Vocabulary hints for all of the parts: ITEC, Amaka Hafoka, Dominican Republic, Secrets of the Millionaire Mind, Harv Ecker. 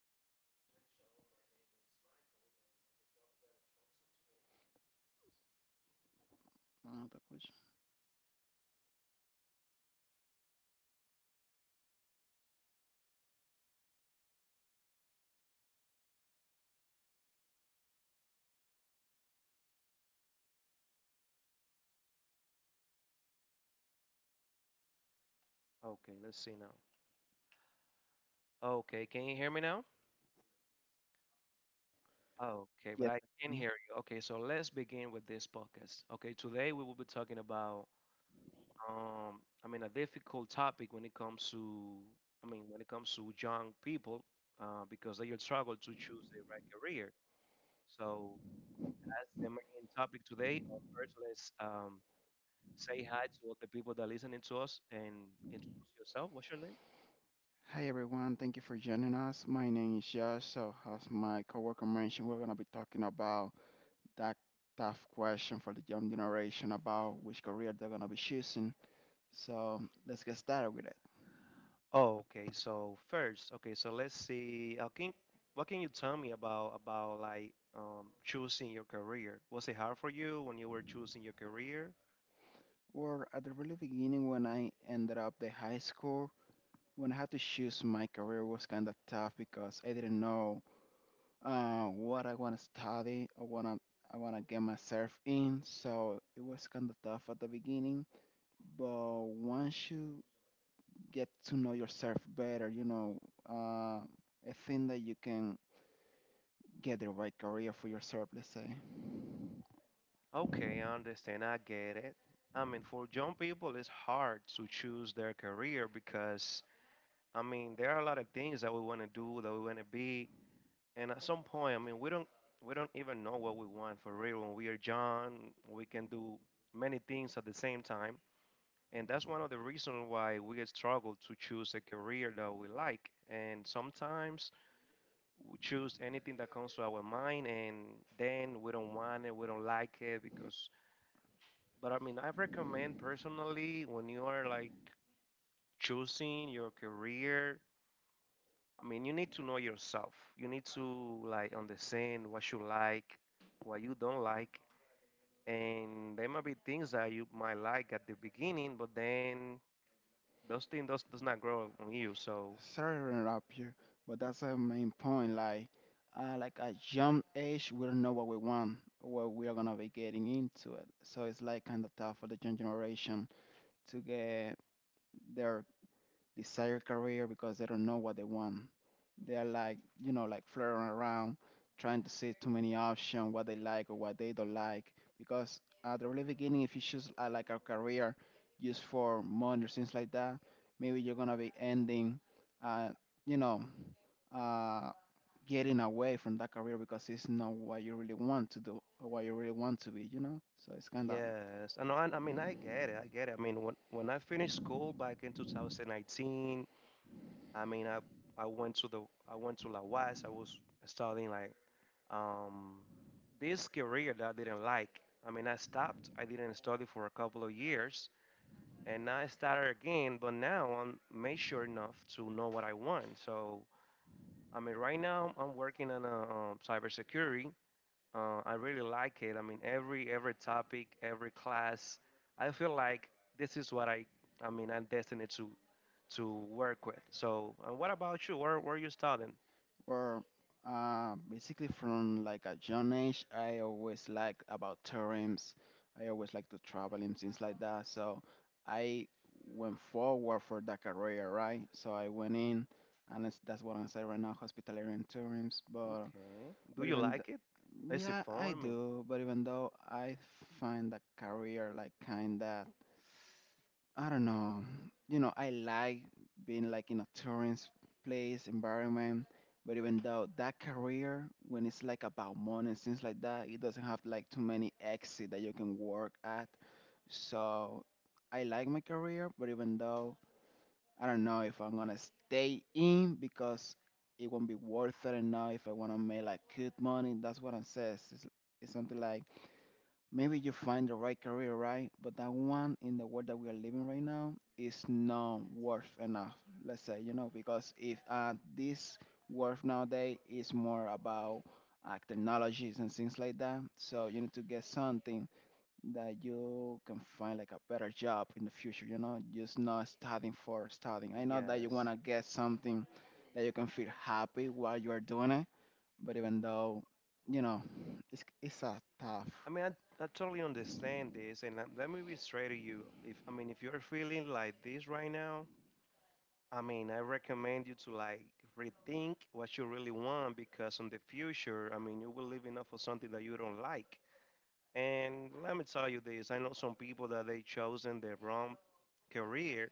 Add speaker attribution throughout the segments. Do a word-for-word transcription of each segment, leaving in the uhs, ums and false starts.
Speaker 1: me? Another question.
Speaker 2: Okay, let's see now. Okay, can you hear me now? Okay, but
Speaker 1: Yes.
Speaker 2: I can
Speaker 1: Yeah.
Speaker 2: hear you. Okay, so let's begin with this podcast. Okay, today we will be talking about um I mean a difficult topic when it comes to, I mean, when it comes to young people, uh, because they will struggle to choose the right career. So as the main topic today, uh, first let's um say hi to all the people that are listening to us and introduce yourself. What's your name?
Speaker 1: Hi everyone, thank you for joining us. My name is Josh. So, as my coworker mentioned, we're gonna be talking about that tough question for the young generation about which career they're gonna be choosing. So, let's get started with it.
Speaker 2: Oh, okay. So first, okay, so let's see. Uh, can, what can you tell me about about like um, choosing your career? Was it hard for you when you were choosing your career?
Speaker 1: Well, at the really beginning, when I ended up the high school, when I had to choose my career was kind of tough because I didn't know uh, what I want to study, I want to I want to get myself in. So it was kind of tough at the beginning, but once you get to know yourself better, you know, uh, I think that you can get the right career for yourself. Let's say.
Speaker 2: Okay, I understand. I get it. I mean, for young people, it's hard to choose their career because, I mean, there are a lot of things that we want to do, that we want to be, and at some point, I mean, we don't we don't even know what we want for real. When we are young, we can do many things at the same time. And that's one of the reasons why we struggle to choose a career that we like. And sometimes we choose anything that comes to our mind, and then we don't want it, we don't like it because. But I mean, I recommend personally when you are like choosing your career, I mean, you need to know yourself. You need to like understand what you like, what you don't like. And there might be things that you might like at the beginning, but then those things does, does not grow on you. So
Speaker 1: Sorry to interrupt you, but that's the main point. Like, uh, like at young age, we don't know what we want, what we are gonna be getting into it. So it's like kind of tough for the young generation to get their desired career because they don't know what they want. They're like, you know, like flirting around, trying to see too many options, what they like or what they don't like. Because at the really beginning, if you choose uh, like a career just for money or things like that, maybe you're gonna be ending, uh, you know, uh, getting away from that career because it's not what you really want to do or what you really want to be, you know. So it's kind of
Speaker 2: yes, and I, I mean I get it. I get it. I mean when when I finished school back in twenty nineteen, I mean I I went to the I went to La West. I was studying like um this career that I didn't like. I mean I stopped. I didn't study for a couple of years, and I started again. But now I'm mature enough to know what I want. So I mean right now I'm working on a um, cybersecurity, uh, I really like it. I mean, every every topic, every class, I feel like this is what I I mean I'm destined to to work with. So, uh, what about you? Where where are you studying?
Speaker 1: well, uh, basically from like a young age, I always like about terrains. I always like to travel and things like that. So I went forward for that career, right? So I went in, and it's, that's what I say right now, hospitality and tourism. But
Speaker 2: Okay. Do
Speaker 1: but
Speaker 2: you
Speaker 1: even
Speaker 2: like it?
Speaker 1: th-
Speaker 2: Is it
Speaker 1: yeah,
Speaker 2: fun?
Speaker 1: I
Speaker 2: I mean,
Speaker 1: do. But even though I find that career like kinda, I don't know. You know, I like being like in a tourist place environment, but even though that career, when it's like about money and things like that, it doesn't have like too many exits that you can work at. So I like my career, but even though I don't know if I'm gonna stay in because it won't be worth it enough if I wanna make like good money. That's what I says. It's, it's something like maybe you find the right career, right? But that one in the world that we are living right now is not worth enough. Let's say, you know, because if uh, this worth nowadays is more about uh, technologies and things like that, so you need to get something that you can find like a better job in the future. You know, just not studying for studying. I know that you
Speaker 2: yes.
Speaker 1: wanna get something that you can feel happy while you are doing it, but even though, you know, it's it's a tough
Speaker 2: I mean, I, I totally understand this, and let, let me be straight to you. If, I mean, if you're feeling like this right now, I mean, I recommend you to like rethink what you really want because in the future, I mean, you will live enough for something that you don't like. And let me tell you this, I know some people that they chosen the wrong career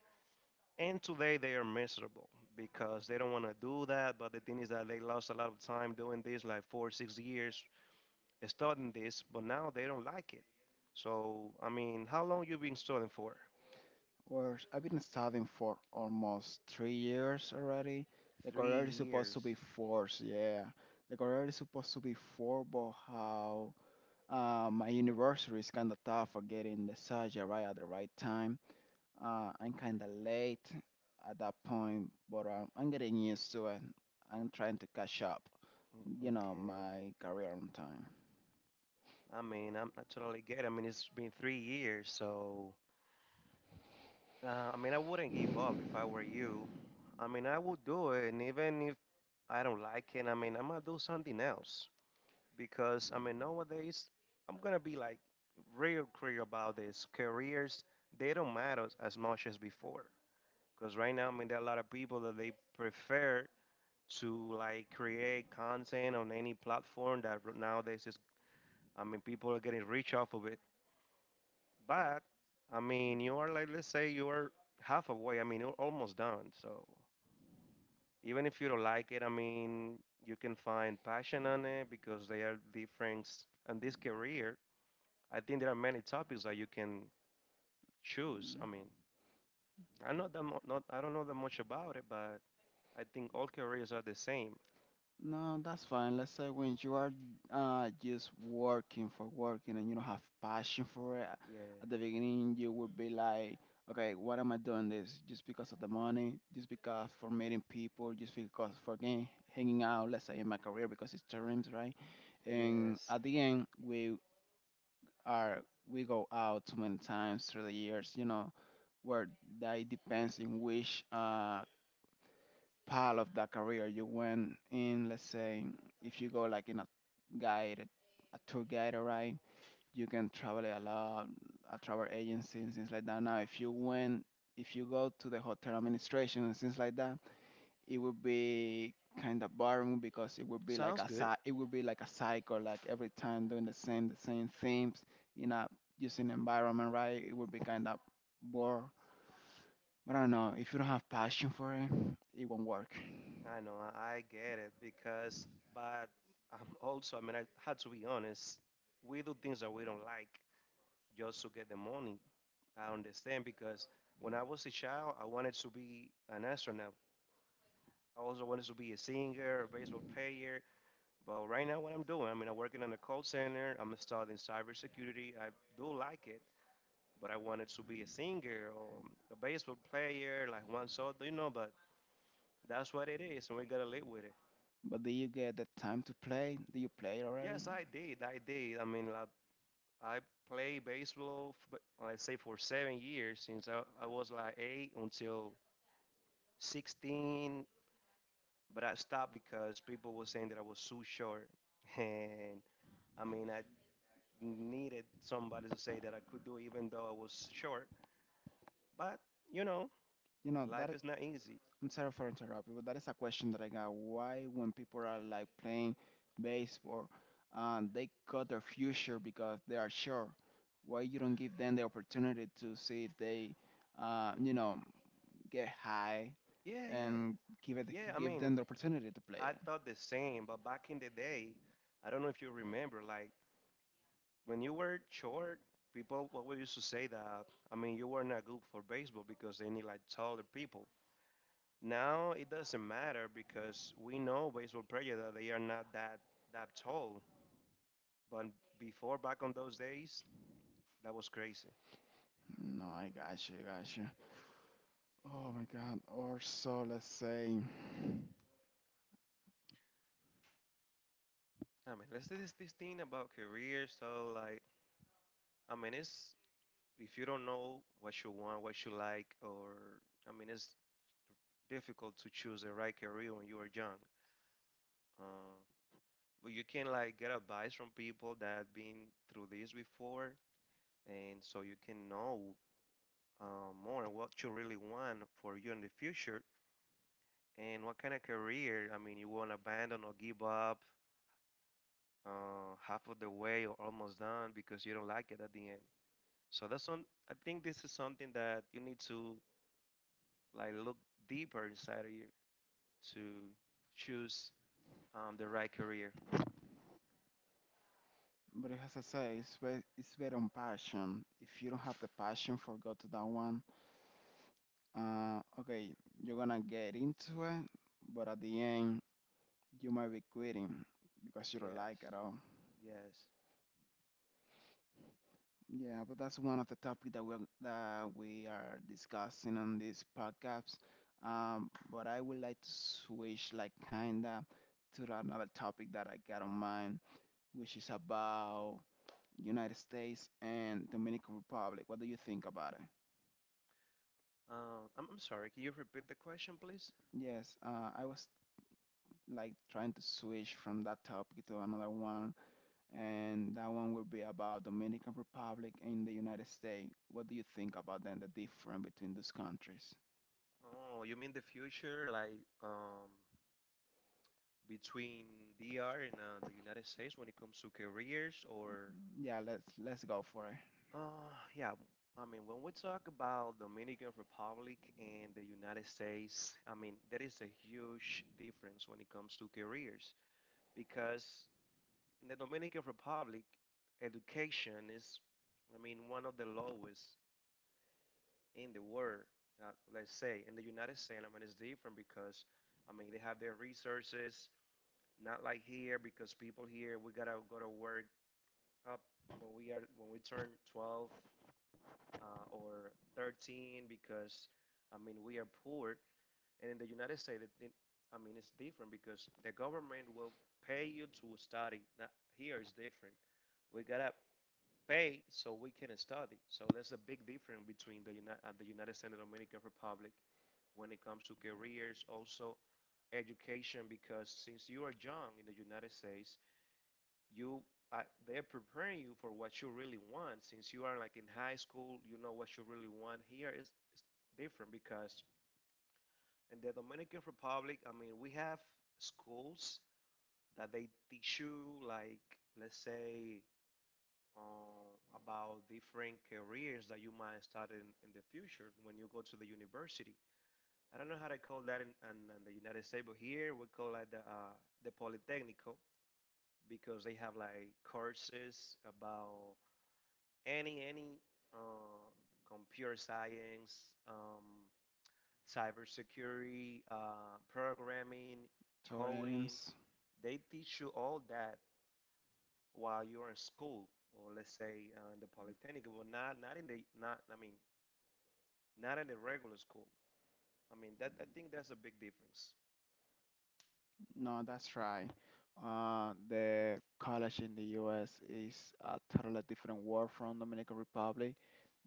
Speaker 2: and today they are miserable because they don't want to do that. But the thing is that they lost a lot of time doing this, like four, six years studying this, but now they don't like it. So, I mean, how long you been studying for?
Speaker 1: worse, I've been studying for almost three years already. The
Speaker 2: Three
Speaker 1: career is supposed to be
Speaker 2: years.
Speaker 1: four, yeah. The career is supposed to be four, but how uh, my university is kind of tough for getting the surgery right at the right time. Uh, I'm kind of late at that point, but um, I'm getting used to it. I'm trying to catch up,
Speaker 2: Mm,
Speaker 1: you know,
Speaker 2: okay.
Speaker 1: my career on time.
Speaker 2: I mean, I'm, I totally get it. I mean, it's been three years, so uh, I mean, I wouldn't give up if I were you. I mean, I would do it, and even if I don't like it. I mean, I'm gonna do something else because I mean nowadays I'm gonna be like real clear about this. Careers, they don't matter as much as before because right now I mean there are a lot of people that they prefer to like create content on any platform that r- nowadays is, I mean, people are getting rich off of it. But I mean you are like, let's say you are half away. I mean you're almost done. So even if you don't like it, I mean, you can find passion on it because they are different. And this career, I think there are many topics that you can choose. I mean, I know that mo- not, I don't know that much about it, but I think all careers are the same.
Speaker 1: No, that's fine. Let's say when you are uh, just working for working and you don't have passion for it,
Speaker 2: Yeah.
Speaker 1: at the beginning you would be like, okay, what am I doing this? Just because of the money, just because for meeting people, just because for gang- hanging out, let's say in my career because it's dreams, right? And
Speaker 2: Yes.
Speaker 1: at the end we are we go out too many times through the years, you know, where that depends in which uh part of that career you went in, let's say if you go like in a guide, a tour guide, right? You can travel a lot, a travel agency and things like that. Now if you went if you go to the hotel administration and things like that, it would be kind of boring because it would be like
Speaker 2: Sounds
Speaker 1: a
Speaker 2: good.
Speaker 1: cy- it would be like a cycle, like every time doing the same the same themes, you know, using environment, right? It would be kind of bored, but I don't know, if you don't have passion for it, it won't work.
Speaker 2: I know. I, I get it because, but I'm also. I mean, I had to be honest. We do things that we don't like, just to get the money. I understand because when I was a child, I wanted to be an astronaut. I also wanted to be a singer, a baseball player. But right now, what I'm doing, I mean, I'm working in a call center. I'm studying cybersecurity. I do like it, but I wanted to be a singer or a baseball player, like one sort, you know. But that's what it is, and we gotta live with it.
Speaker 1: But do you get the time to play? Do you play already?
Speaker 2: Yes, I did. I did. I mean, like, I played baseball, f- let's say, for seven years since I, I was like eight until sixteen, but I stopped because people were saying that I was too short. And I mean, I needed somebody to say that I could do it even though I was short. But, you know,
Speaker 1: You know that.
Speaker 2: life
Speaker 1: i-
Speaker 2: is not easy.
Speaker 1: I'm sorry for interrupting, but that is a question that I got. Why, when people are like playing baseball, and they cut their future because they are sure, why you don't give them the opportunity to see if they, uh, you know, get high,
Speaker 2: Yeah, yeah.
Speaker 1: and give it
Speaker 2: Yeah, I
Speaker 1: give
Speaker 2: mean,
Speaker 1: them the opportunity to play
Speaker 2: I
Speaker 1: it.
Speaker 2: thought the same, but back in the day, I don't know if you remember, like when you were short, people what we used to say that, I mean, you were not good for baseball because they need like taller people. Now it doesn't matter because we know baseball players that they are not that that tall. But before, back on those days, that was crazy.
Speaker 1: No, I got you, got you. Oh my God. Or so let's say.
Speaker 2: I mean, let's do this, this thing about career. So, like, I mean, it's if you don't know what you want, what you like, or I mean, it's difficult to choose the right career when you are young. Uh, but you can like get advice from people that have been through this before, and so you can know uh, more what you really want for you in the future. And what kind of career? I mean, you won't abandon or give up uh, half of the way or almost done because you don't like it at the end. So that's on. I think this is something that you need to like look deeper inside of you to choose um, the right career.
Speaker 1: But as I say, it's ba- it's based on passion. If you don't have the passion for go to that one, uh, okay, you're gonna get into it, but at the end, you might be quitting because you don't like
Speaker 2: Yes,
Speaker 1: it all.
Speaker 2: yes.
Speaker 1: Yeah, but that's one of the topics that we that we are discussing on this podcast. Um, but I would like to switch like kinda to the another topic that I got on mind, which is about United States and Dominican Republic. What do you think about it?
Speaker 2: Um, I'm, I'm sorry. Can you repeat the question, please?
Speaker 1: Yes, uh, I was like trying to switch from that topic to another one, and that one will be about Dominican Republic and the United States. What do you think about then the difference between those countries?
Speaker 2: Oh, you mean the future, like um, between D R and uh, the United States when it comes to careers or?
Speaker 1: Yeah, let's let's go for it.
Speaker 2: Uh, yeah, I mean, when we talk about Dominican Republic and the United States, I mean, there is a huge difference when it comes to careers because in the Dominican Republic, education is, I mean, one of the lowest in the world, uh, let's say. In the United States, I mean, it's different because, I mean, they have their resources, not like here because people here, we gotta go to work up when we are when we turn twelve, uh, or thirteen because I mean we are poor. And in the United States, it, it- I mean it's different because the government will pay you to study. Now, here is different. We gotta pay so we can study. So there's a big difference between the United uh, the United States and the Dominican Republic when it comes to careers, also education, because since you are young in the United States you uh, they're preparing you for what you really want since you are like in high school, you know what you really want. Here is, is different because in the Dominican Republic, I mean, we have schools that they teach you like, let's say, uh, about different careers that you might start in, in the future when you go to the university. I don't know how to call that in, in, in the United States, but here we call it the, uh, the polytechnico, because they have like courses about any any uh, computer science, um, cybersecurity, uh, programming, coding.
Speaker 1: Torrance.
Speaker 2: They teach you all that while you're in school, or let's say uh, in the polytechnic, but not not in the not I mean not in the regular school. I mean that I think that's a big difference.
Speaker 1: No, that's right. Uh, the college in the U S is a totally different world from Dominican Republic.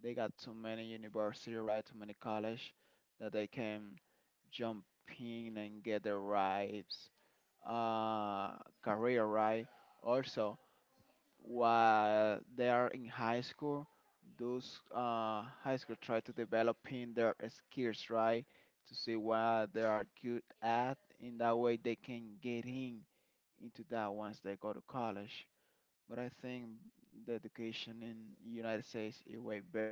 Speaker 1: They got too many university, right? Too many college that they can jump in and get the right uh, career, right? Also, while they are in high school, those uh, high school try to develop in their skills, right? To see what they are good at. In that way, they can get in into that once they go to college. But I think the education in United States is way better.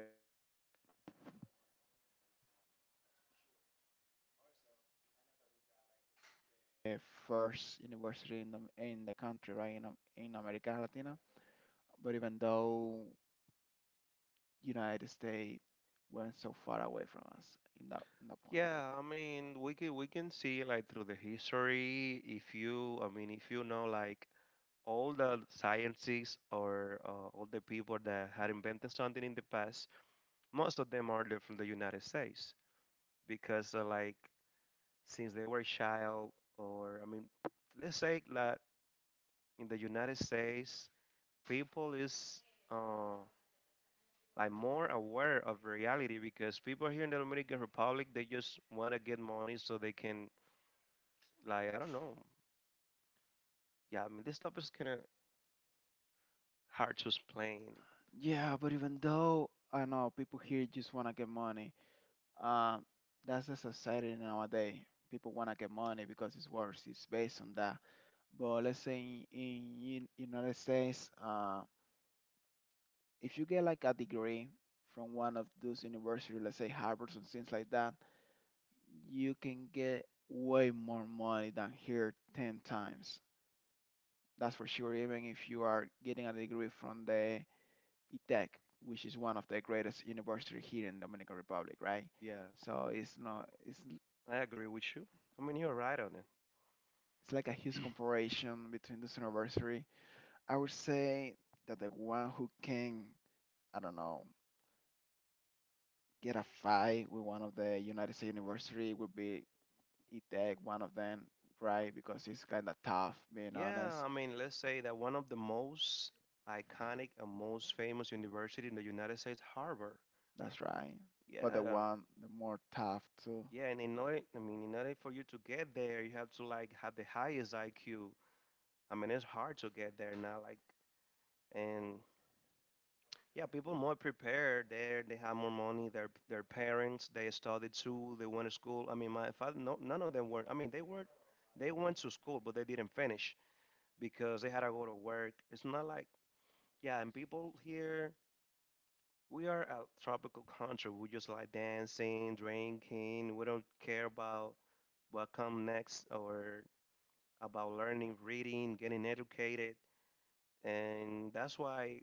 Speaker 1: First university in the in the country, right? In Am- in America Latina. But even though United States went so far away from us in that in that point.
Speaker 2: Yeah, I mean we can we can see like through the history if you, I mean, if you know like all the sciences or uh, all the people that had invented something in the past, most of them are they're from the United States because uh, like since they were child or, I mean, let's say that in the United States, people is uh, like more aware of reality because people here in the Dominican Republic they just want to get money so they can like, I don't know. Yeah, I mean this stuff is kind of hard to explain.
Speaker 1: Yeah, but even though I know people here just want to get money, um, that's the society nowadays. People want to get money because it's worse. It's based on that. But let's say in, in in United States, uh, if you get like a degree from one of those universities, let's say Harvard and things like that, you can get way more money than here ten times. That's for sure. Even if you are getting a degree from the I tech, which is one of the greatest university here in Dominican Republic, right?
Speaker 2: Yeah.
Speaker 1: So it's not it's
Speaker 2: I agree with you. I mean you're right on.
Speaker 1: it's like a huge comparison between this university. I would say that the one who can, I don't know, get a fight with one of the United States university would be I tech, one of them, right? Because it's kind of tough, being
Speaker 2: Yeah,
Speaker 1: honest.
Speaker 2: I mean, let's say that one of the most iconic and most famous university in the United States, Harvard.
Speaker 1: That's right. But the
Speaker 2: Yeah,
Speaker 1: one the more tough too.
Speaker 2: yeah, and in order, I mean, in order for you to get there, you have to like have the highest I Q. I mean, it's hard to get there now. Like, and yeah, people more prepared there. They have more money. Their their parents, they studied too. They went to school. I mean, my father, no, none of them were. I mean, they were, they went to school, but they didn't finish because they had to go to work. It's not like yeah, and people here. We are a tropical country. We just like dancing, drinking. We don't care about what come next or about learning, reading, getting educated. And that's why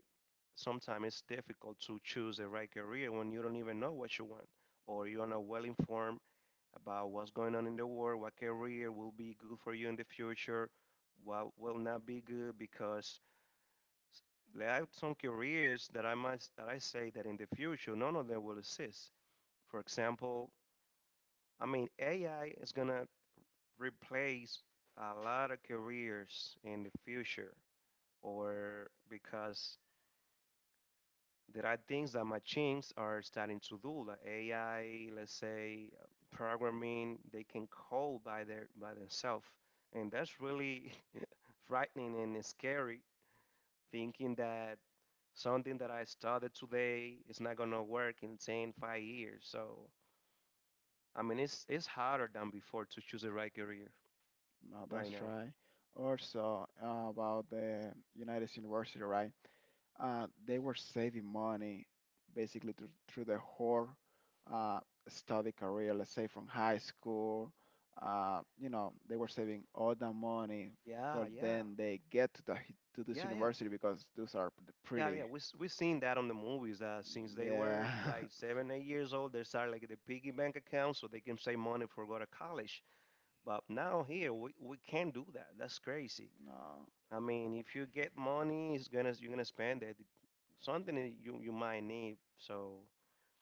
Speaker 2: sometimes it's difficult to choose the right career when you don't even know what you want or you're not well informed about what's going on in the world, what career will be good for you in the future, what will not be good because there are some careers that I might that I say that in the future none of them will exist, for example. I mean, A I is going to replace a lot of careers in the future, or because there are things that machines are starting to do, like A I, let's say uh, programming, they can code by their by themselves, and that's really frightening and scary. Thinking that something that I started today is not gonna work in ten, five years. So I mean, it's it's harder than before to choose the right career
Speaker 1: No,
Speaker 2: right
Speaker 1: that's
Speaker 2: now.
Speaker 1: right. Also uh, about the United University, right? Uh, they were saving money basically through, through the whole uh, study career, let's say from high school. Uh, you know, they were saving all the money for
Speaker 2: Yeah, yeah,
Speaker 1: then they get to the to this
Speaker 2: yeah, yeah,
Speaker 1: university because those are p-
Speaker 2: yeah, yeah.
Speaker 1: pretty.
Speaker 2: We we seen that on the movies that since they were
Speaker 1: Yeah,
Speaker 2: like seven, eight years old, they started like the piggy bank account so they can save money for go to college. But now here we, we can't do that. That's crazy.
Speaker 1: no.
Speaker 2: I mean, if you get money, it's gonna you're gonna spend it. Something that you you might need. So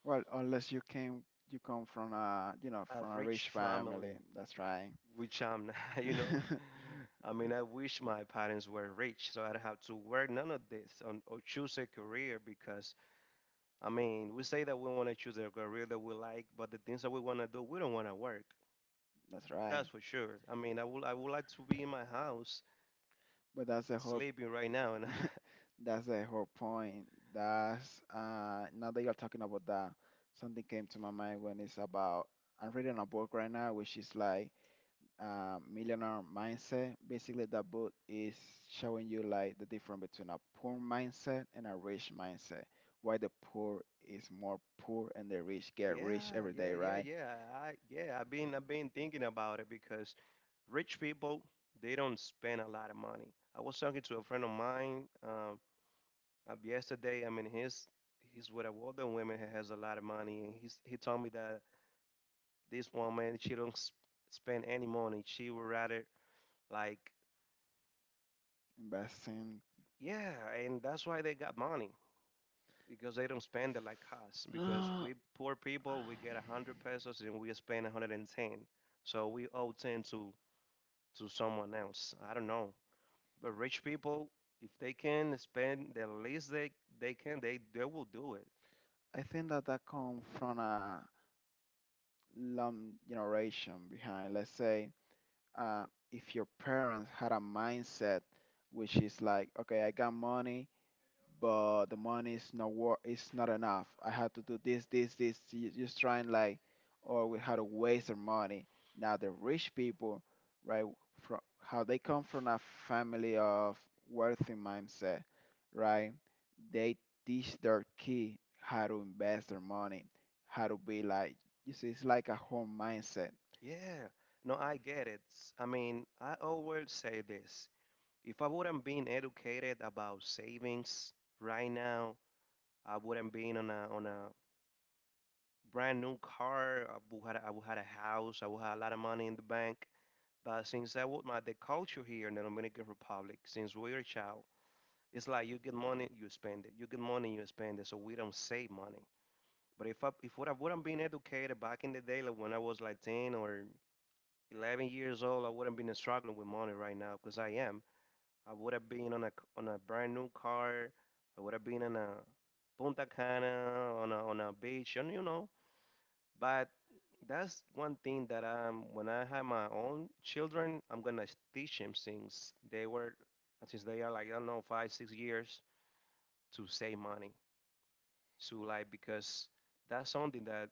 Speaker 1: Well, unless you came you come from a, you know,
Speaker 2: a
Speaker 1: from a
Speaker 2: rich
Speaker 1: rich family.
Speaker 2: family,
Speaker 1: That's right.
Speaker 2: which I'm not, you know. I mean, I wish my parents were rich so I'd have to work none of this on, or choose a career because I mean, we say that we want to choose a career that we like, but the things that we want to do, we don't want to work.
Speaker 1: That's right.
Speaker 2: That's for sure. I mean, I would I would like to be in my house
Speaker 1: But that's the whole.
Speaker 2: sleeping right now. And
Speaker 1: That's the whole point. That's uh, now that you're talking about that, something came to my mind when it's about. I'm reading a book right now, which is like, uh, Millionaire Mindset. Basically, that book is showing you like the difference between a poor mindset and a rich mindset. Why the poor is more poor and the rich get rich
Speaker 2: yeah,
Speaker 1: every
Speaker 2: yeah,
Speaker 1: day,
Speaker 2: yeah,
Speaker 1: right?
Speaker 2: yeah. I yeah, I've been I've been thinking about it because rich people they don't spend a lot of money. I was talking to a friend of mine um, uh, yesterday. I mean, he's he's with a older woman who has a lot of money, and he's he told me that this woman she don't s- spend any money. She would rather like.
Speaker 1: Investing.
Speaker 2: Yeah, and that's why they got money because they don't spend it like us. Because
Speaker 1: I
Speaker 2: we poor people, we get a hundred pesos and we spend a hundred and ten, so we owe ten to to someone else. I don't know, but rich people, if they can spend the least they they can, they they will do it.
Speaker 1: think that that comes from a long generation behind. Let's say, uh, if your parents had a mindset which is like, okay, I got money, but the money is not wor- it's not enough. I have to do this, this, this. You- Just trying like, or we how to waste their money. Now the rich people, right, from how they come from a family of wealthy mindset, right? They teach their kid how to invest their money, how to be like. You see, it's like a whole mindset.
Speaker 2: Yeah, no, I get it. S- I mean, I always say this: if I wouldn't been educated about savings right now, I wouldn't been on a on a brand new car. I would had a, I would had a house. I would have a lot of money in the bank. But since I would my the culture here in the Dominican Republic, since we are a child, it's like you get money, you spend it. You get money, you spend it. So we don't save money. But if I if what I wouldn't been educated back in the day, like when I was like ten or eleven years old, I wouldn't been struggling with money right now because I am. I would have been on a on a brand new car. I would have been on a Punta Cana on a on a beach, and you know, but that's one thing that um when I have my own children, I'm gonna teach them since they were since they are like I don't know five six years to save money to like because that's something that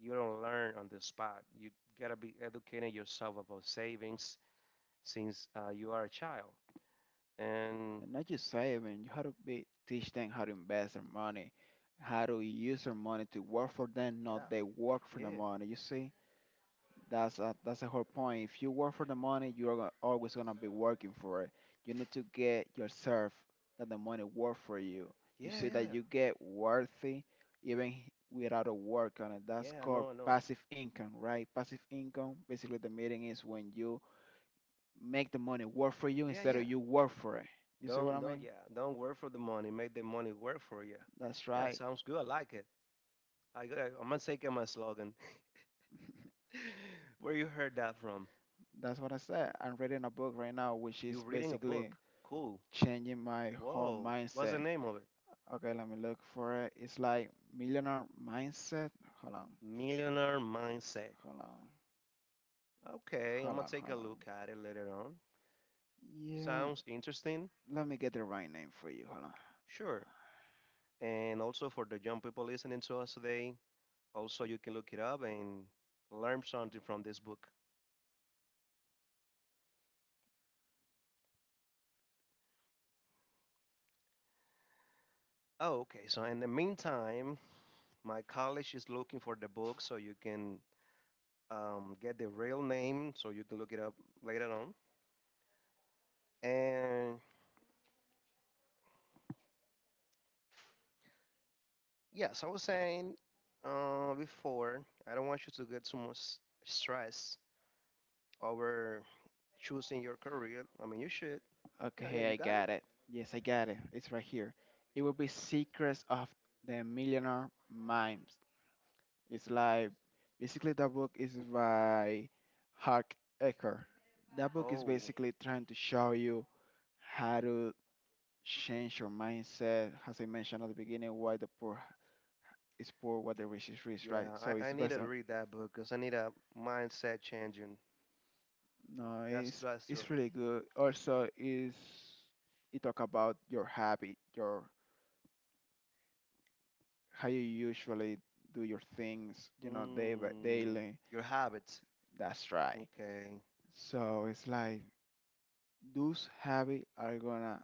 Speaker 2: you don't learn on the spot. You gotta be educating yourself about savings since uh, you are a child. And
Speaker 1: And not just saving, you how to be, teach them how to invest their money, how to use their money to work for them, not
Speaker 2: yeah,
Speaker 1: they work for the
Speaker 2: yeah,
Speaker 1: money. You see, that's a, that's the whole point. If you work for the money, you are go- always gonna be working for it. You need to get yourself that the money work for you. You
Speaker 2: yeah,
Speaker 1: see that
Speaker 2: yeah,
Speaker 1: you get worthy even h- without a work on it. That's
Speaker 2: yeah. I
Speaker 1: called
Speaker 2: know, I know.
Speaker 1: passive income, right? Passive income. Basically, the meaning is when you make the money work for you
Speaker 2: Yeah,
Speaker 1: instead of
Speaker 2: yeah.
Speaker 1: you work for it. You see what I
Speaker 2: Don't don't
Speaker 1: mean?
Speaker 2: yeah. Don't work for the money. Make the money work for you.
Speaker 1: That's
Speaker 2: Yeah,
Speaker 1: right.
Speaker 2: sounds good. I like it. I, I, I'm gonna take my slogan. Where you heard that from?
Speaker 1: That's what I said. I'm reading a book right now, which
Speaker 2: You
Speaker 1: is
Speaker 2: reading a
Speaker 1: basically
Speaker 2: book? Cool.
Speaker 1: changing my whole
Speaker 2: Whoa. What's the
Speaker 1: mindset.
Speaker 2: name of it?
Speaker 1: Okay, let me look for it. It's like Millionaire Mindset. Hold on.
Speaker 2: Millionaire Mindset.
Speaker 1: Hold on.
Speaker 2: Okay, I'm
Speaker 1: Hold
Speaker 2: gonna
Speaker 1: on.
Speaker 2: take a
Speaker 1: Hold on.
Speaker 2: look at it later on.
Speaker 1: Yeah.
Speaker 2: Sounds interesting?
Speaker 1: Let me get the right name for you. Hold on.
Speaker 2: Sure. And also for the young people listening to us today, also you can look it up and learn something from this book. Oh, okay. So in the meantime, my college is looking for the book so you can um, get the real name so you can look it up later on. And yes, I was saying uh, before, I don't want you to get too much stress over choosing your career. I mean, you should. Yeah, yeah,
Speaker 1: Okay,
Speaker 2: you
Speaker 1: I
Speaker 2: got it?
Speaker 1: got it. Yes, I got it. It's right here. It will be Secrets of the Millionaire Mind. It's like basically that book is by Hark Ecker. That book is
Speaker 2: Oh,
Speaker 1: basically trying to show you how to change your mindset. As I mentioned at the beginning, why the poor is poor, what the rich is rich, right?
Speaker 2: yeah,
Speaker 1: So
Speaker 2: I, I
Speaker 1: it's
Speaker 2: need to
Speaker 1: based on
Speaker 2: read that book because I need a mindset changing.
Speaker 1: no,
Speaker 2: That's
Speaker 1: it's
Speaker 2: that's true.
Speaker 1: it's really good. Also, is it talk about your habit, your how you usually do your things, you know, day by
Speaker 2: Mm,
Speaker 1: daily.
Speaker 2: your habits.
Speaker 1: That's right.
Speaker 2: Okay.
Speaker 1: So it's like those habits are gonna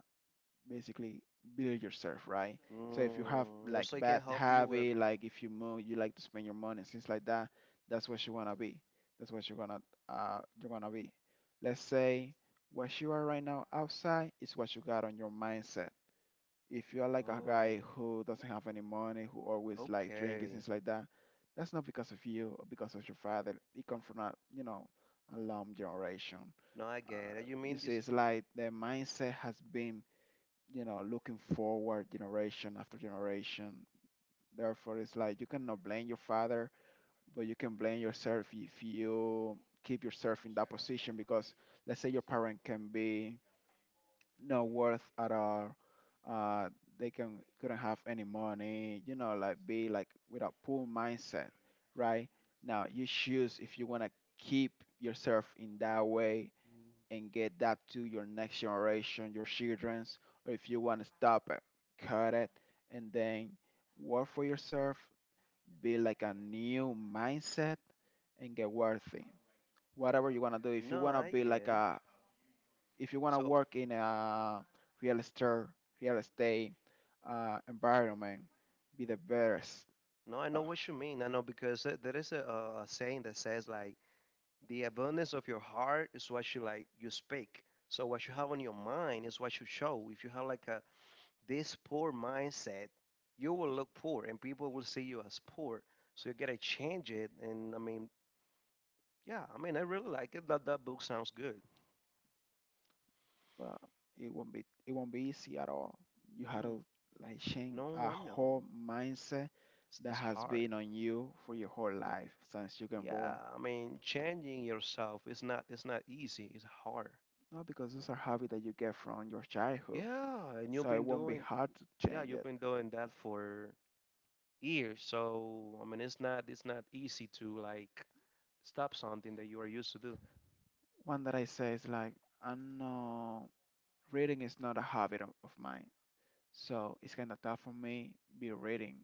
Speaker 1: basically build yourself, right? So if you have
Speaker 2: Mm, also,
Speaker 1: like
Speaker 2: it
Speaker 1: bad
Speaker 2: can help you with.
Speaker 1: habit, like if you move, you like to spend your money, and things like that, that's what you wanna be. That's what you're gonna uh you're gonna be. Let's say what you are right now outside is what you got on your mindset. If you are like a
Speaker 2: Oh,
Speaker 1: guy who doesn't have any money, who always like drinking,
Speaker 2: okay.
Speaker 1: things like that, that's not because of you or because of your father. It comes from a you know a long generation.
Speaker 2: No, I get
Speaker 1: Uh,
Speaker 2: it. You
Speaker 1: you
Speaker 2: mean
Speaker 1: see,
Speaker 2: this?
Speaker 1: it's like the mindset has been you know, looking forward generation after generation. Therefore, it's like you cannot blame your father, but you can blame yourself if you keep yourself in that position. Because let's say your parent can be not worth at all. Uh, they can couldn't have any money. You know, like be like with a poor mindset, right? Now you choose if you wanna keep yourself in that way
Speaker 2: Mm,
Speaker 1: and get that to your next generation, your children's, or if you want to stop it, cut it, and then work for yourself, be like a new mindset, and get worthy. Whatever you want to do, if you
Speaker 2: no,
Speaker 1: want to
Speaker 2: I
Speaker 1: be like
Speaker 2: get it.
Speaker 1: a, if you want to
Speaker 2: So
Speaker 1: work in a real estate, real estate uh, environment, be the best
Speaker 2: no, I
Speaker 1: uh,
Speaker 2: know what you mean. I know because there there is a, a saying that says like the abundance of your heart is what you like you speak. So what you have on your mind is what you show. If you have like a this poor mindset, you will look poor and people will see you as poor. So you gotta change it. And I mean, yeah, I mean I really like it. That that book sounds good.
Speaker 1: but it won't be it won't be easy at all. You had
Speaker 2: Mm,
Speaker 1: to like change a
Speaker 2: no, I
Speaker 1: whole
Speaker 2: know.
Speaker 1: mindset
Speaker 2: It's,
Speaker 1: that
Speaker 2: it's
Speaker 1: has
Speaker 2: hard.
Speaker 1: been on you for your whole life since you can born.
Speaker 2: Yeah, I mean changing yourself is not it's not easy. It's hard.
Speaker 1: No, because those are habits that you get from your childhood.
Speaker 2: Yeah, and you've
Speaker 1: So it
Speaker 2: been
Speaker 1: won't be
Speaker 2: doing
Speaker 1: hard to
Speaker 2: yeah,
Speaker 1: change
Speaker 2: you've
Speaker 1: it.
Speaker 2: been doing that for years. So I mean, it's not it's not easy to like stop something that you are used to do.
Speaker 1: One that I say is like, I know reading is not a habit of of mine. So it's kind of tough for me be reading.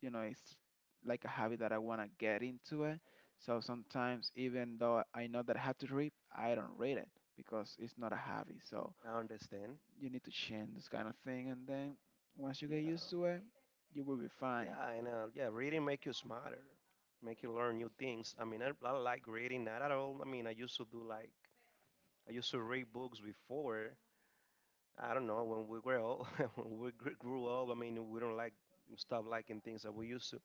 Speaker 1: You know, it's like a habit that I want to get into it. So sometimes, even though I know that I have to read, I don't read it because it's not a habit. So
Speaker 2: I understand.
Speaker 1: you need to change this kind of thing, and then once you get
Speaker 2: Yeah,
Speaker 1: used to it, you will be fine.
Speaker 2: yeah, I know. Yeah, reading make you smarter, make you learn new things. I mean, I, I like reading, not at all. I mean, I used to do like I used to read books before. I don't know when we were old, when we gr- grew up. I mean, we don't like stop liking things that we used to.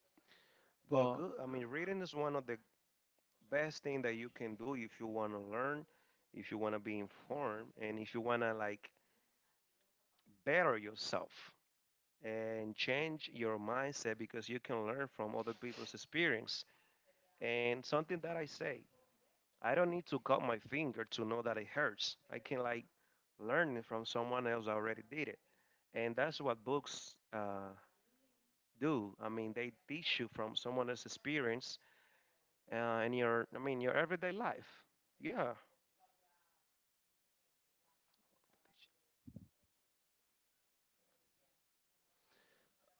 Speaker 2: But
Speaker 1: But
Speaker 2: good. I mean, reading is one of the best thing that you can do if you want to learn, if you want to be informed, and if you want to like better yourself and change your mindset because you can learn from other people's experience. And something that I say, I don't need to cut my finger to know that it hurts. I can like learn it from someone else that already did it. And that's what books uh, do. I mean, they teach you from someone else's experience uh, in your, I mean, your everyday life. Yeah,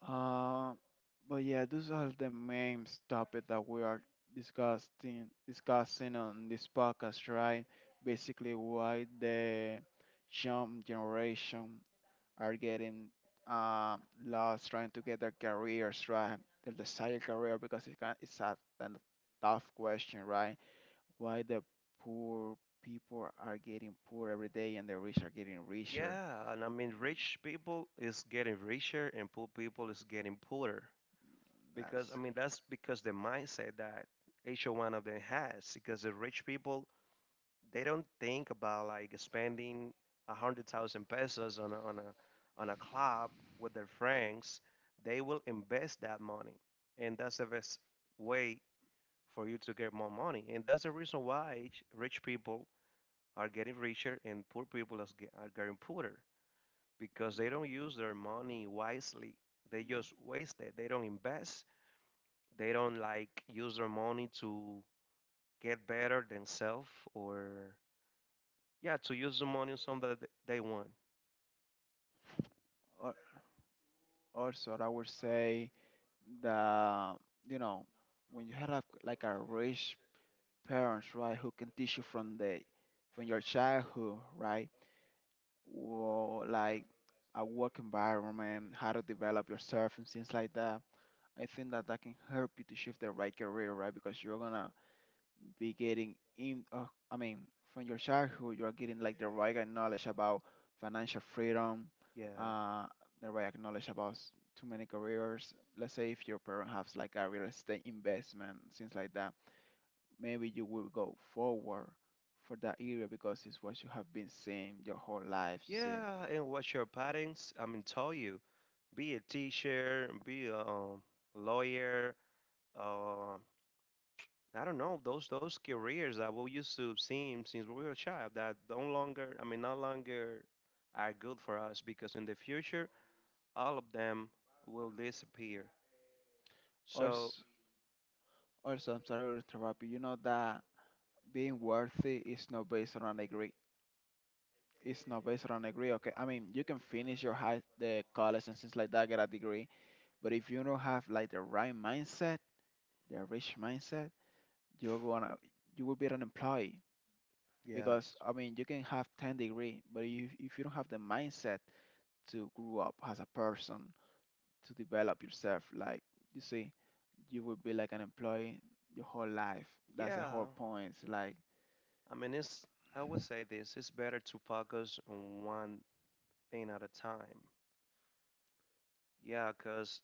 Speaker 1: uh, but yeah, those are the main topic that we are discussing discussing on this podcast, right? Basically, why the young generation are getting um, lost trying to get their careers right, their desired career, because it can, it's a, an tough question, right? Why the poor people are getting poor every day and the rich are getting richer?
Speaker 2: yeah, and I mean,
Speaker 1: Um,
Speaker 2: rich people is getting richer and poor people is getting poorer because I
Speaker 1: That's
Speaker 2: mean that's because the mindset that each one of them has. Because the rich people, they don't think about like spending a hundred thousand pesos on a, on a on a club with their friends. They will invest that money, and that's the best way for you to get more money. And that's the reason why each- rich people are getting richer and poor people is ge- are getting poorer because they don't use their money wisely. They just waste it. They don't invest. They don't like use their money to get better themselves or yeah, to use the money on something that th- they want.
Speaker 1: al- also I would say the you know when you have a, like a rich parents, right, who can teach you from the from your childhood, right? wo- like a work environment, how to develop yourself and things like that. I think that that can help you to shift the right career, right? Because you're gonna be getting in. Uh, I mean, from your childhood, you're getting like the right knowledge about financial freedom,
Speaker 2: Yeah.
Speaker 1: uh, the right knowledge about s- too many careers. Let's say if your parent has like a real estate investment, things like that, maybe you will go forward for that area because it's what you have been seeing your whole life. You see,
Speaker 2: Yeah, and watch your patterns. I mean, tell you, be a teacher, be a um, lawyer. Uh, I don't know those those careers that we used to see since we were a child that don't longer. I mean, no longer are good for us because in the future all of them will disappear. So,
Speaker 1: also Also, I'm sorry to interrupt you. You know that being worthy is not based on a degree. It's not based on a degree. Okay, I mean you can finish your high, the college and things like that, get a degree. But if you don't have like the right mindset, the rich mindset, you're gonna you will be an employee because
Speaker 2: yes.
Speaker 1: I mean you can have ten degree, but if if you don't have the mindset to grow up as a person, to develop yourself, like you see, you will be like an employee your whole life. That's the
Speaker 2: Yeah.
Speaker 1: whole point. Like
Speaker 2: I mean, it's, I would say this it's better to focus on one thing at a time. Yeah, because,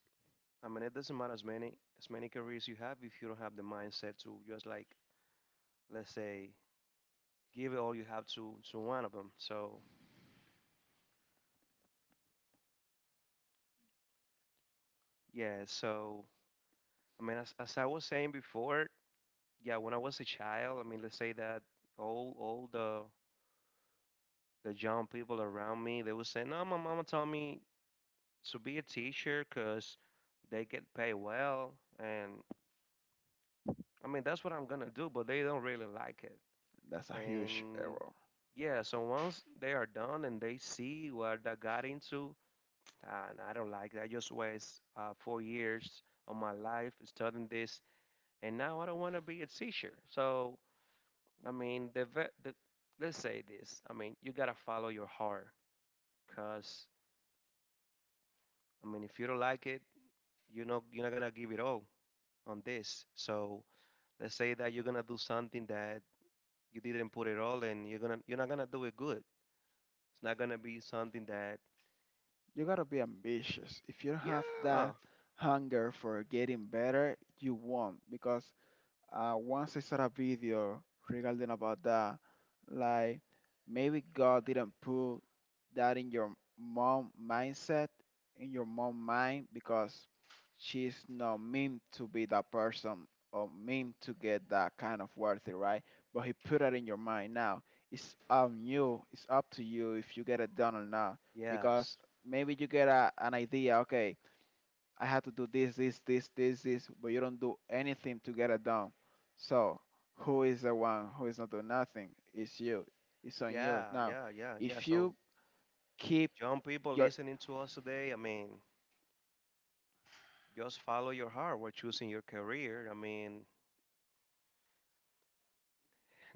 Speaker 2: I mean, it doesn't matter as many, as many careers you have if you don't have the mindset to just like, let's say, give it all you have to, to one of them. So, yeah. So, I mean, as, as I was saying before, yeah, when I was a child, I mean, let's say that all, all the, the young people around me, they would say, no, my mama told me to be a teacher because they get paid well and, I mean, that's what I'm gonna do, but they don't really like it.
Speaker 1: that's a huge
Speaker 2: And
Speaker 1: error.
Speaker 2: yeah, so once they are done and they see what I got into and I don't like it, I just waste uh, four years of my life studying this, and now I don't want to be a teacher. So I mean the, ve- the let's say this, I mean, you gotta follow your heart, because, I mean, if you don't like it, you know you're not gonna give it all on this. So let's say that you're gonna do something that you didn't put it all, and you're gonna you're not gonna do it good. It's not gonna be something that
Speaker 1: You gotta be ambitious. If you don't have
Speaker 2: yeah,
Speaker 1: that hunger for getting better, you won't because uh, once I saw a video regarding about that, like maybe God didn't put that in your mom mindset, in your mom mind, because she's not meant to be that person or meant to get that kind of worthy, right? But He put it in your mind now. It's on you. It's up to you if you get it done or not,
Speaker 2: yes,
Speaker 1: because maybe you get a, an idea. Okay, I have to do this, this, this, this, this, but you don't do anything to get it done. So who is the one who is not doing nothing? It's you. It's on you.
Speaker 2: yeah,
Speaker 1: Now,
Speaker 2: yeah, yeah, yeah.
Speaker 1: if you
Speaker 2: So
Speaker 1: keep
Speaker 2: young people
Speaker 1: your
Speaker 2: listening to us today, I mean, just follow your heart. We're choosing your career. I mean,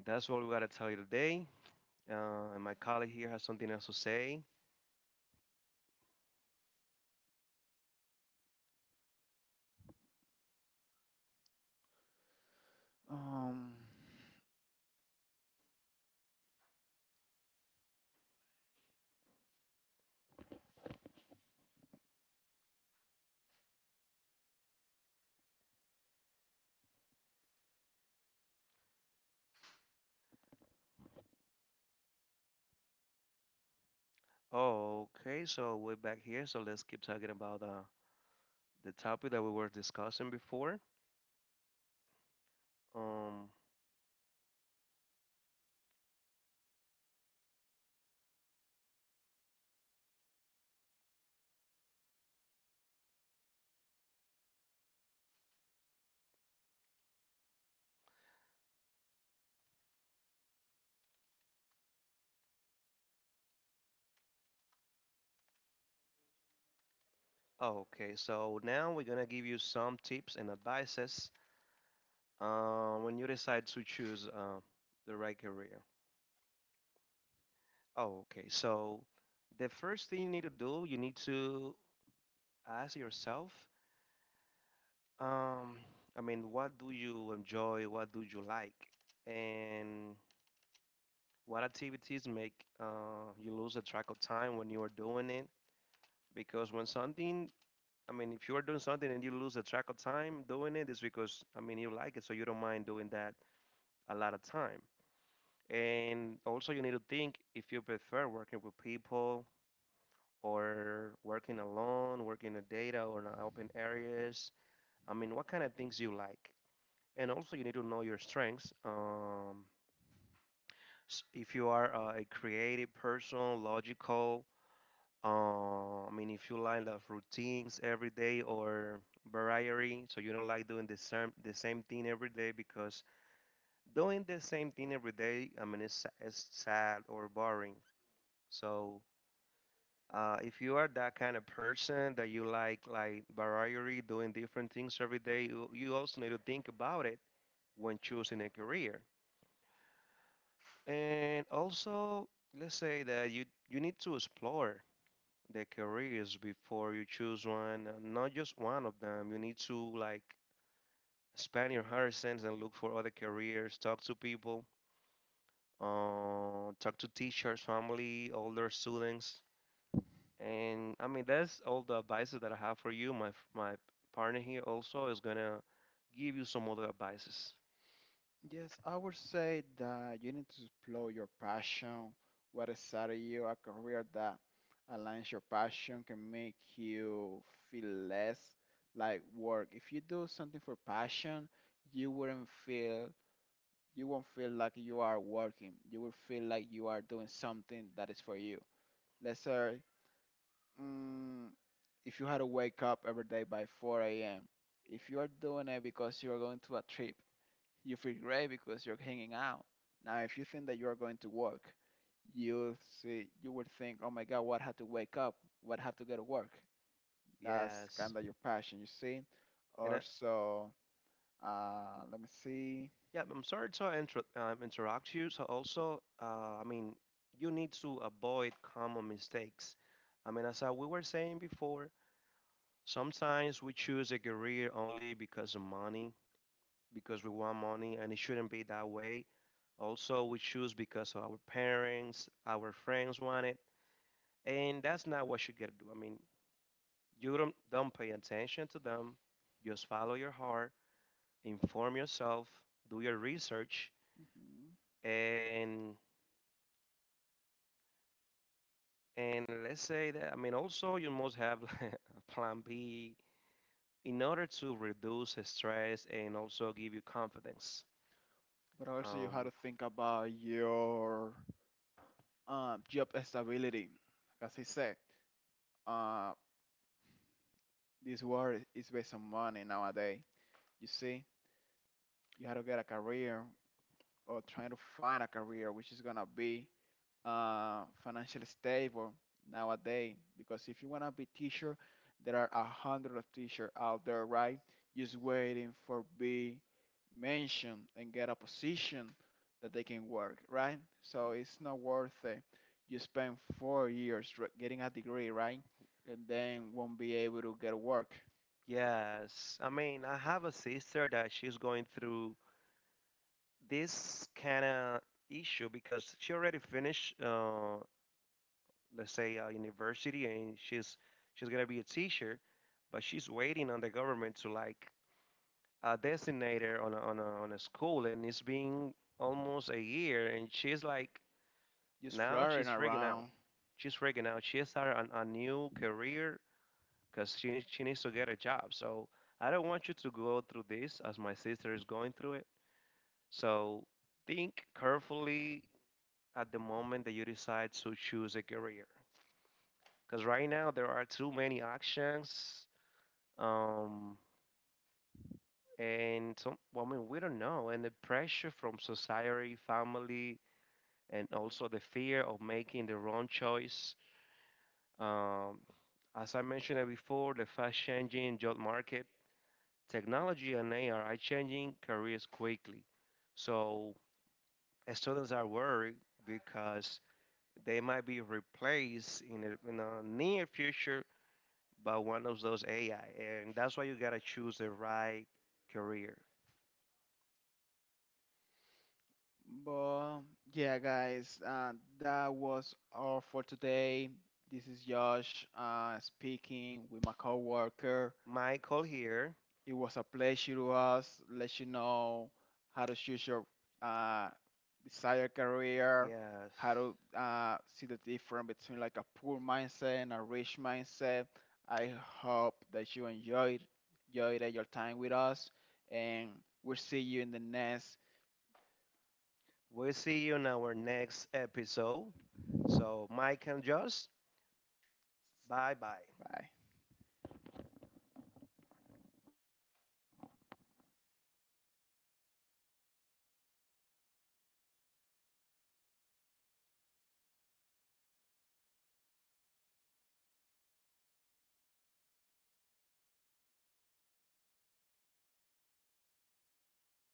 Speaker 2: that's what we gotta tell you today. Uh, and my colleague here has something else to say.
Speaker 1: um
Speaker 2: Oh, okay. So we're back here. So let's keep talking about uh, the topic that we were discussing before. Um, Okay, so now we're gonna give you some tips and advices uh, when you decide to choose uh, the right career. Okay, so the first thing you need to do, you need to ask yourself, um, I mean, what do you enjoy? What do you like? And what activities make uh, you lose a track of time when you are doing it? Because when something, I mean, if you are doing something and you lose a track of time doing it, it's because, I mean, you like it, so you don't mind doing that a lot of time. And also, you need to think if you prefer working with people or working alone, working in data or in open areas. I mean, what kind of things you like. And also, you need to know your strengths. Um, s- if you are uh, a creative person, logical, uh, I mean, if you like the routines every day or variety, so you don't like doing the same the same thing every day, because doing the same thing every day, I mean, it's, sa- it's sad or boring. So uh, if you are that kind of person that you like like variety, doing different things every day, you, you also need to think about it when choosing a career. And also, let's say that you you need to explore the careers before you choose one, uh, not just one of them. You need to like expand your horizons and look for other careers, talk to people, uh, talk to teachers, family, older students. And I mean, that's all the advices that I have for you. My f- my partner here also is gonna give you some other advices.
Speaker 1: yes, I would say that you need to explore your passion, what is out of you, a career that aligns your passion can make you feel less like work. If you do something for passion, you wouldn't feel you won't feel like you are working. You will feel like you are doing something that is for you. Let's say, mm, if you had to wake up every day by four a m, if you are doing it because you are going to a trip, you feel great because you're hanging out. Now, if you think that you are going to work, you see, you would think, oh my God, what had to wake up? What had to go to work? That's
Speaker 2: Yes.
Speaker 1: kind of your passion, you see.
Speaker 2: And I,
Speaker 1: Also, uh, let me see.
Speaker 2: yeah, I'm sorry to inter um, interrupt you. So also, uh, I mean, you need to avoid common mistakes. I mean, as I, we were saying before, sometimes we choose a career only because of money, because we want money, and it shouldn't be that way. Also, we choose because of our parents, our friends want it. And that's not what you gotta do. I mean, you don't don't pay attention to them. Just follow your heart, inform yourself, do your research,
Speaker 1: Mhm.
Speaker 2: and and let's say that, I mean, also you must have like a plan B in order to reduce the stress and also give you confidence.
Speaker 1: But also you have
Speaker 2: Um,
Speaker 1: to think about your um, job stability. Like, as I said, uh, this world is based on money nowadays. You see, you have to get a career or trying to find a career which is gonna be uh, financially stable nowadays. Because if you want to be teacher, there are a hundred of teacher out there, right? Just waiting for be mentioned and get a position that they can work, right? So it's not worth it. You spend four years r- getting a degree, right? And then won't be able to get work.
Speaker 2: yes, I mean, I have a sister that she's going through this kind of issue because she already finished uh, let's say a university, and she's she's gonna be a teacher, but she's waiting on the government to like uh, designate her on a, on a, on a school, and it's been almost a year, and she's like
Speaker 1: Just
Speaker 2: now
Speaker 1: flirting
Speaker 2: she's freaking out.
Speaker 1: around
Speaker 2: She's freaking out. She started an, a new career because she needs she needs to get a job. So I don't want you to go through this as my sister is going through it. So think carefully at the moment that you decide to choose a career, because right now there are too many options, um and some, well, I mean, we don't know, and the pressure from society, family, and also the fear of making the wrong choice, um as I mentioned before, the fast changing job market, technology and AI are changing careers quickly. So students are worried because they might be replaced in the, in the near future, but one of those A I. And that's why you gotta choose the right career.
Speaker 1: but yeah, guys, uh, that was all for today. This is Josh uh, speaking with my coworker.
Speaker 2: Michael here.
Speaker 1: It was a pleasure to us. Let you know how to choose your uh, desired career, how
Speaker 2: Yes.
Speaker 1: to uh, see the difference between like a poor mindset and a rich mindset. I hope that you enjoyed, enjoyed your time with us, and we'll see you in the next.
Speaker 2: We'll see you in our next episode. So, Mike and Josh, bye bye.
Speaker 1: Bye.